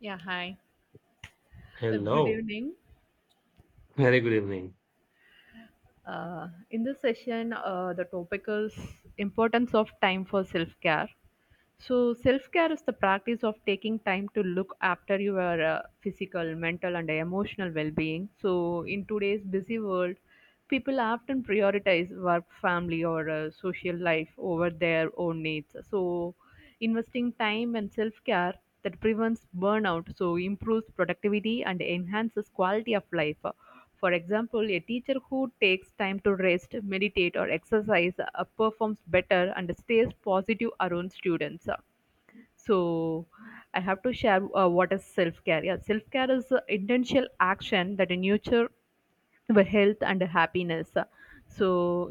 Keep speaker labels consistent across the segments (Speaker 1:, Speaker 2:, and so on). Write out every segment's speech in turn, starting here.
Speaker 1: Yeah, hi. Good
Speaker 2: Hello,
Speaker 1: evening.
Speaker 2: very good evening.
Speaker 1: In this session, the topic is importance of time for self-care. So, self-care is the practice of taking time to look after your physical, mental, and emotional well-being. So, in today's busy world, people often prioritize work, family, or social life over their own needs. So, investing time and self-care that prevents burnout, so improves productivity and enhances quality of life. For example, a teacher who takes time to rest, meditate, or exercise performs better and stays positive around students. So, I have to share what is self care. Yeah, self care is an intentional action that nurture our health and happiness, so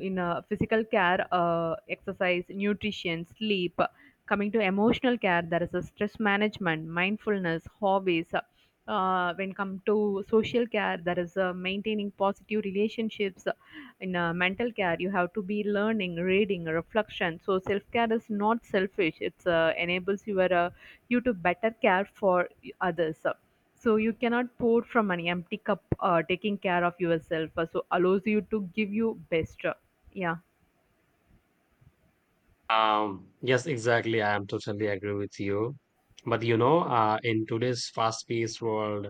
Speaker 1: in physical care, exercise, nutrition, sleep. Coming to emotional care, there is a stress management, mindfulness, hobbies. When come to social care, there is maintaining positive relationships. In mental care, you have to be learning, reading, reflection. So self care is not selfish, it's enables your you to better care for others. So you cannot pour from an empty cup, taking care of yourself. So allows you to give you best. Yeah.
Speaker 2: Yes, exactly. I am totally agree with you. But you know, in today's fast-paced world,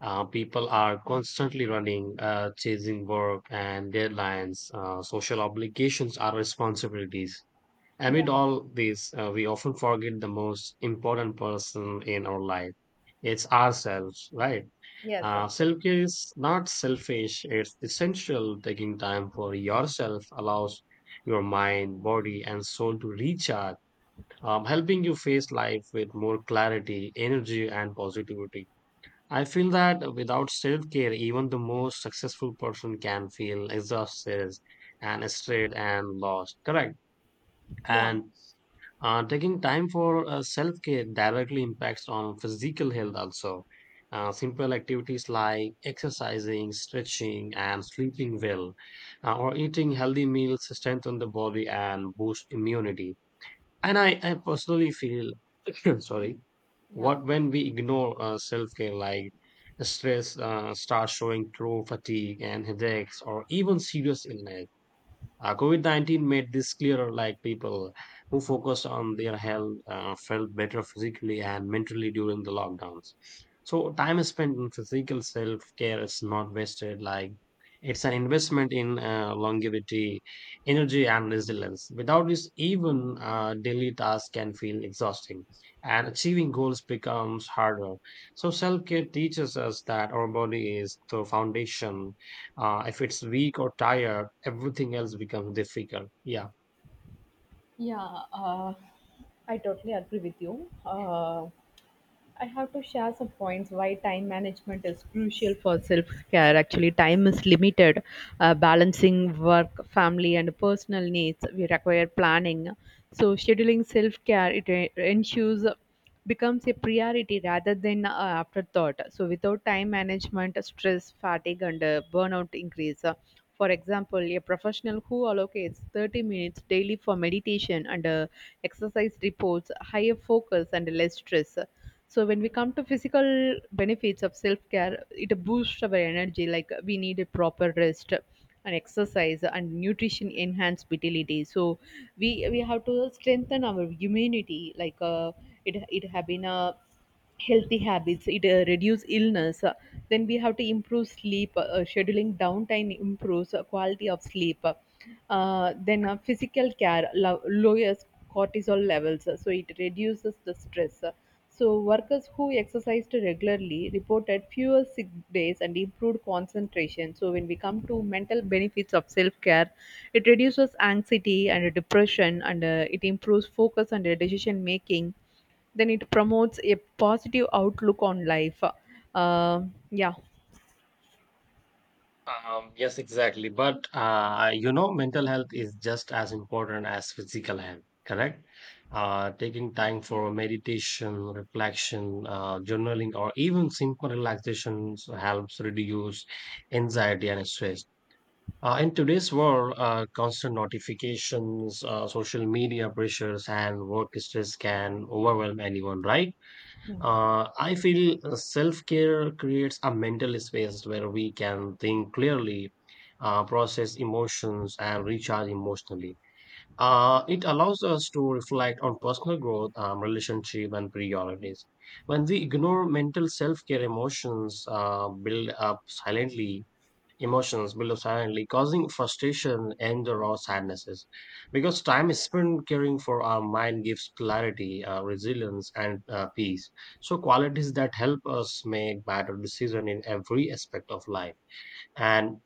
Speaker 2: people are constantly running, chasing work and deadlines. Social obligations are responsibilities.
Speaker 1: Yeah.
Speaker 2: Amid all this, we often forget the most important person in our life. It's ourselves, right?
Speaker 1: Yes, of course.
Speaker 2: Self care is not selfish, it's essential. Taking time for yourself allows your mind, body, and soul to recharge, helping you face life with more clarity, energy, and positivity. I feel that without self care, even the most successful person can feel exhausted and stressed and lost. Correct.
Speaker 1: Yeah,
Speaker 2: And taking time for self care directly impacts on physical health also. Simple activities like exercising, stretching, and sleeping well, or eating healthy meals strengthen the body and boost immunity. And I personally feel, sorry,
Speaker 1: yeah,
Speaker 2: what when we ignore self care like stress starts showing through fatigue and headaches or even serious illness. COVID 19 made this clearer, like people who focused on their health felt better physically and mentally during the lockdowns. So, time spent in physical self care is not wasted, like it's an investment in longevity, energy, and resilience. Without this, even daily tasks can feel exhausting, and achieving goals becomes harder. So, self care teaches us that our body is the foundation if it's weak or tired, everything else becomes difficult. Yeah.
Speaker 1: yeah, I totally agree with you. I have to share some points why time management is crucial for self care. Actually, time is limited. Balancing work, family, and personal needs we require planning. So, scheduling self care ensures becomes a priority rather than afterthought. So, without time management, stress, fatigue, and burnout increase. For example, a professional who allocates 30 minutes daily for meditation and exercise reports higher focus and less stress. So when we come to physical benefits of self-care, it boosts our energy. Like we need a proper rest and exercise and nutrition enhance vitality. So we have to strengthen our immunity. It have been a healthy habits, it reduce illness. Then we have to improve sleep. Scheduling downtime improves quality of sleep. Then Physical care lowers cortisol levels. So it reduces the stress. So workers who exercised regularly reported fewer sick days and improved concentration. So when we come to mental benefits of self-care, it reduces anxiety and depression, and it improves focus and decision making. Then it promotes a positive outlook on life. Uh, yeah,
Speaker 2: Yes, exactly. But you know, mental health is just as important as physical health, correct? Taking time for meditation, reflection, journaling, or even simple relaxations helps reduce anxiety and stress. In today's world, constant notifications, social media pressures, and work stress can overwhelm anyone, right? I feel self care creates a mental space where we can think clearly, process emotions, and recharge emotionally. It allows us to reflect on personal growth, relationship, and priorities. When we ignore mental self care, emotions build up silently, causing frustration, anger, or sadnesses. Because time is spent caring for our mind gives clarity, resilience, and peace. So qualities that help us make better decisions in every aspect of life. And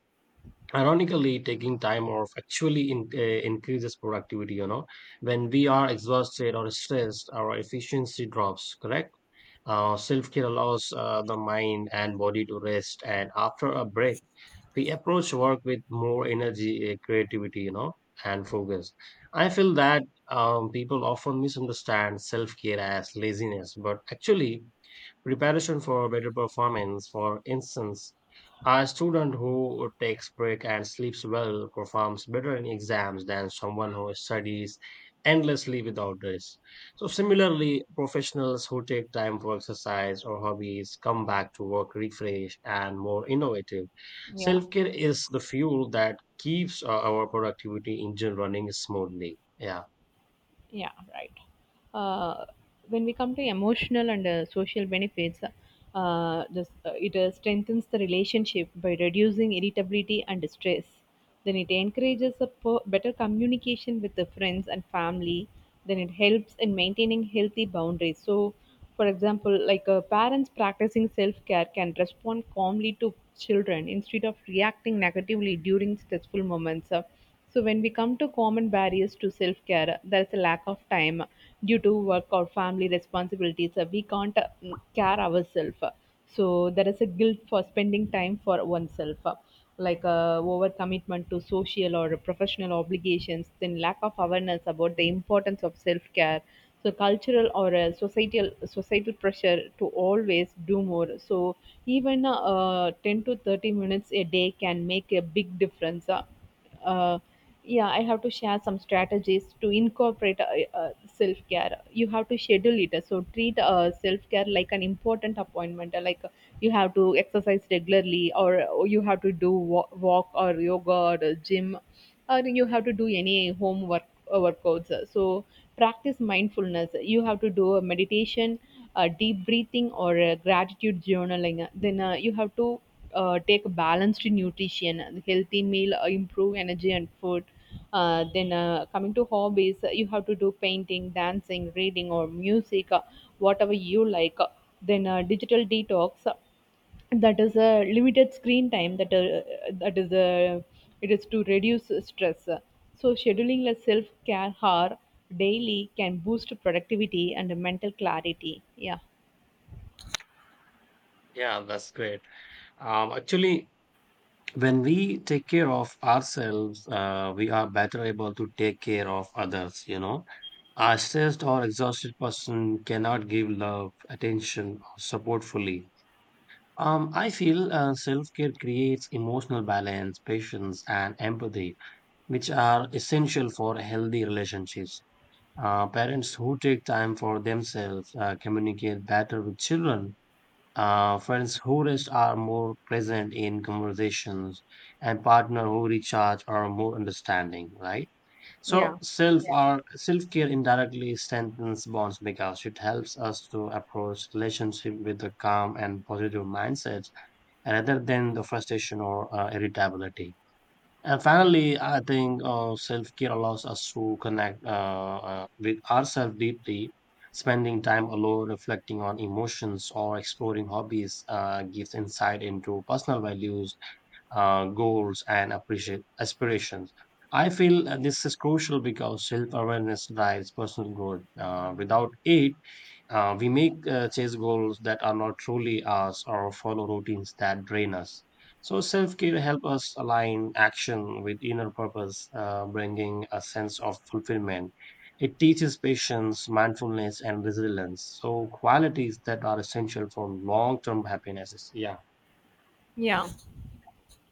Speaker 2: ironically, taking time off actually increases productivity. You know, when we are exhausted or stressed, our efficiency drops. Correct. Self care allows the mind and body to rest, and after a break we approach work with more energy, creativity, you know, and focus. I feel that people often misunderstand self care as laziness, but actually, preparation for better performance. For instance, a student who takes break and sleeps well performs better in exams than someone who studies endlessly without rest. So similarly, professionals who take time for exercise or hobbies come back to work refreshed and more innovative.
Speaker 1: yeah.
Speaker 2: Self-care is the fuel that keeps our productivity engine running smoothly. Yeah.
Speaker 1: Yeah, right. Uh, when we come to emotional and social benefits, this, it strengthens the relationship by reducing irritability and stress. Then it encourages better communication with the friends and family. Then it helps in maintaining healthy boundaries. So, for example, parents practicing self care can respond calmly to children instead of reacting negatively during stressful moments. So when we come to common barriers to self-care, there's a lack of time due to work or family responsibilities. We can't care ourselves. So there is a guilt for spending time for oneself, overcommitment to social or professional obligations, then lack of awareness about the importance of self-care. So cultural or societal pressure to always do more. So even 10 to 30 minutes a day can make a big difference. Uh, yeah, I have to share some strategies to incorporate self-care. You have to schedule it, so treat self-care like an important appointment. You have to exercise regularly, or you have to do walk or yoga or gym, or you have to do any homework workouts. So practice mindfulness, you have to do a meditation, deep breathing or gratitude journaling. Then You have to take a balanced nutrition, healthy meal, improve energy and food. Then Coming to hobbies, you have to do painting, dancing, reading or music, whatever you like. Then Digital detox, that is a limited screen time, that is a, it is to reduce stress. So scheduling a self care hour daily can boost productivity and mental clarity. Yeah.
Speaker 2: Yeah, that's great. Actually, when we take care of ourselves, we are better able to take care of others, you know. A stressed or exhausted person cannot give love, attention, or support fully. I feel self care creates emotional balance, patience, and empathy, which are essential for healthy relationships. Parents who take time for themselves communicate better with children, friends who rest are more present in conversations, and partner who recharge are more understanding, right? So
Speaker 1: Yeah.
Speaker 2: self. Yeah. Or self-care indirectly strengthens bonds because it helps us to approach relationship with a calm and positive mindset rather than the frustration or irritability. And finally, I think self care allows us to connect with ourselves deeply. Spending time alone, reflecting on emotions, or exploring hobbies gives insight into personal values, goals and appreciate aspirations. I feel this is crucial because self awareness drives personal growth. Without it, we make chase goals that are not truly us or follow routines that drain us. So self care helps us align action with inner purpose, bringing a sense of fulfillment. It teaches patience, mindfulness, and resilience. So qualities that are essential for long term happiness. Yeah.
Speaker 1: Yeah.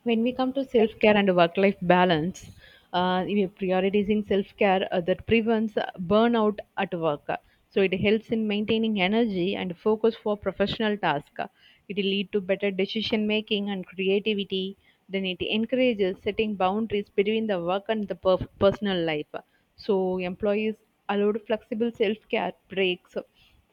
Speaker 1: When we come to self care and work life balance, we are prioritizing self care, that prevents burnout at work. So it helps in maintaining energy and focus for professional tasks. It will lead to better decision making and creativity. Then it encourages setting boundaries between the work and the personal life. So employees allowed flexible self care breaks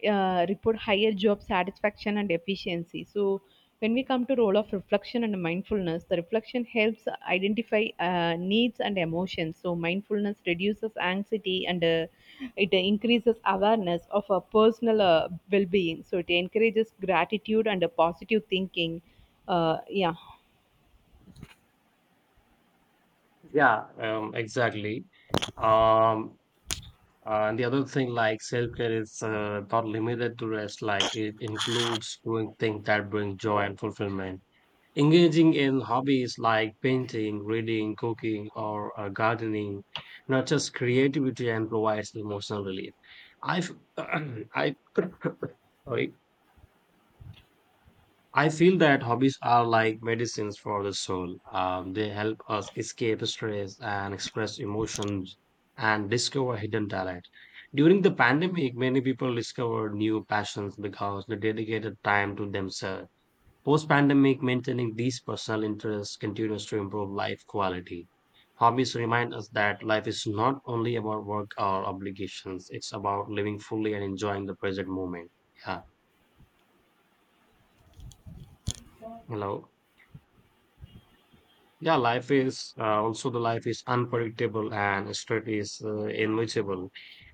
Speaker 1: report higher job satisfaction and efficiency. So, when we come to role of reflection and mindfulness, the reflection helps identify needs and emotions. So, mindfulness reduces anxiety and it increases awareness of a personal well-being. So, it encourages gratitude and a positive thinking. Uh, yeah,
Speaker 2: Yeah, exactly. Um, and the other thing, like self-care is not limited to rest, like it includes doing things that bring joy and fulfillment. Engaging in hobbies like painting, reading, cooking, or gardening nurtures creativity and provides emotional relief. I, f- I, sorry, I feel that hobbies are like medicines for the soul. They help us escape stress and express emotions and discover hidden talent. During the pandemic, many people discovered new passions because they dedicated time to themselves. Post pandemic, maintaining these personal interests continues to improve life quality. Hobbies remind us that life is not only about work or obligations, it's about living fully and enjoying the present moment. Yeah. Hello. Yeah, life is unpredictable and stress is invisible.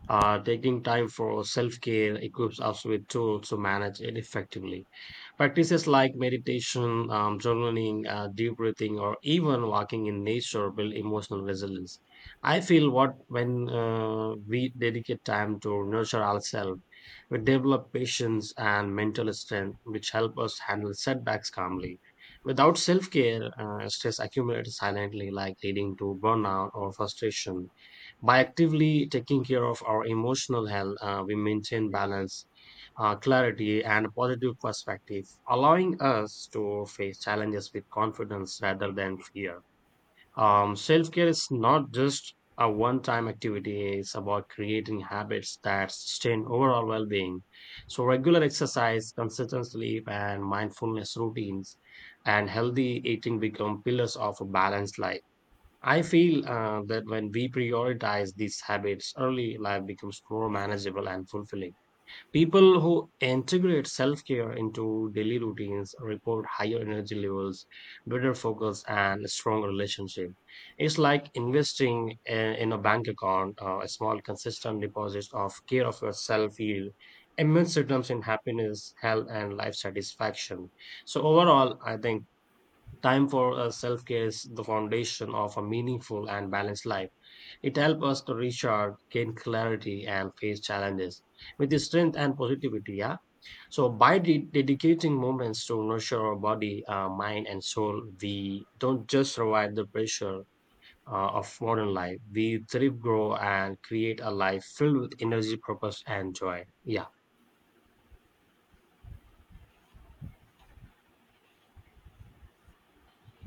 Speaker 2: Taking time for self care equips us with tools to manage it effectively. Practices like meditation, journaling, deep breathing, or even walking in nature build emotional resilience. I feel what when we dedicate time to nurture ourselves, we develop patience and mental strength, which help us handle setbacks calmly. Without self care, stress accumulates silently, like leading to burnout or frustration. By actively taking care of our emotional health, we maintain balance, clarity, and a positive perspective, allowing us to face challenges with confidence rather than fear. Self care is not just a one time activity, it's about creating habits that sustain overall well being. So, regular exercise, consistent sleep, and mindfulness routines and healthy eating become pillars of a balanced life. I feel that when we prioritize these habits early, life becomes more manageable and fulfilling. People who integrate self care into daily routines report higher energy levels, better focus, and strong relationship. It's like investing in a bank account, a small, consistent deposit of care of yourself yield immense returns in happiness, health, and life satisfaction. So overall, I think time for self care is the foundation of a meaningful and balanced life. It helps us to recharge, gain clarity, and face challenges with the strength and positivity. Yeah. So by dedicating moments to nurture our body, mind, and soul, we don't just survive the pressure of modern life. We thrive, grow, and create a life filled with energy, purpose, and joy. Yeah.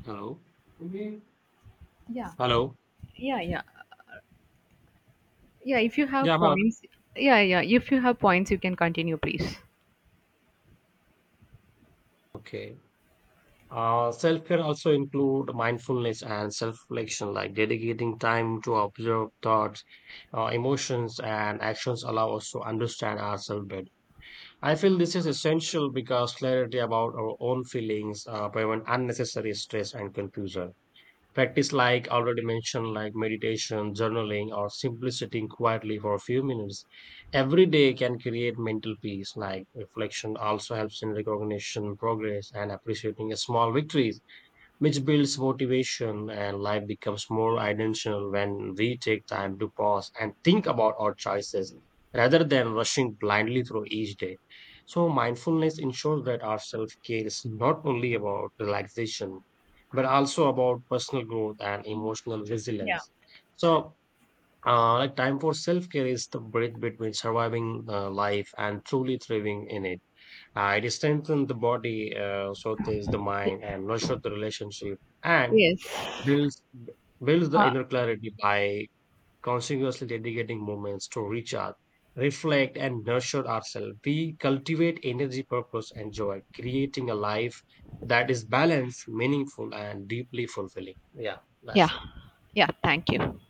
Speaker 2: Hello.
Speaker 1: yeah,
Speaker 2: Hello.
Speaker 1: yeah, yeah, yeah. If you
Speaker 2: Yeah.
Speaker 1: have
Speaker 2: I'm out.
Speaker 1: points, yeah, yeah. If you have points, you can continue, please.
Speaker 2: Okay. Self-care also include mindfulness and self-reflection, like dedicating time to observe thoughts, emotions, and actions allow us to understand ourselves better. I feel this is essential because clarity about our own feelings prevent unnecessary stress and confusion. Practice like already mentioned, like meditation, journaling, or simply sitting quietly for a few minutes every day can create mental peace. Like reflection also helps in recognition, progress, and appreciating small victories which builds motivation and life becomes more intentional when we take time to pause and think about our choices rather than rushing blindly through each day. So mindfulness ensures that our self-care is not only about relaxation, but also about personal growth and emotional
Speaker 1: Yeah.
Speaker 2: resilience. So like time for self-care is the break between surviving life and truly thriving in it. It strengthens the body, soothes the
Speaker 1: Y-
Speaker 2: mind, and nurtures the relationship, and
Speaker 1: yes.
Speaker 2: builds builds the inner clarity by continuously dedicating moments to recharge, reflect, and nurture ourselves. We cultivate energy, purpose, and joy, creating a life that is balanced, meaningful, and deeply fulfilling. Yeah,
Speaker 1: Yeah,
Speaker 2: that's it.
Speaker 1: yeah, thank you.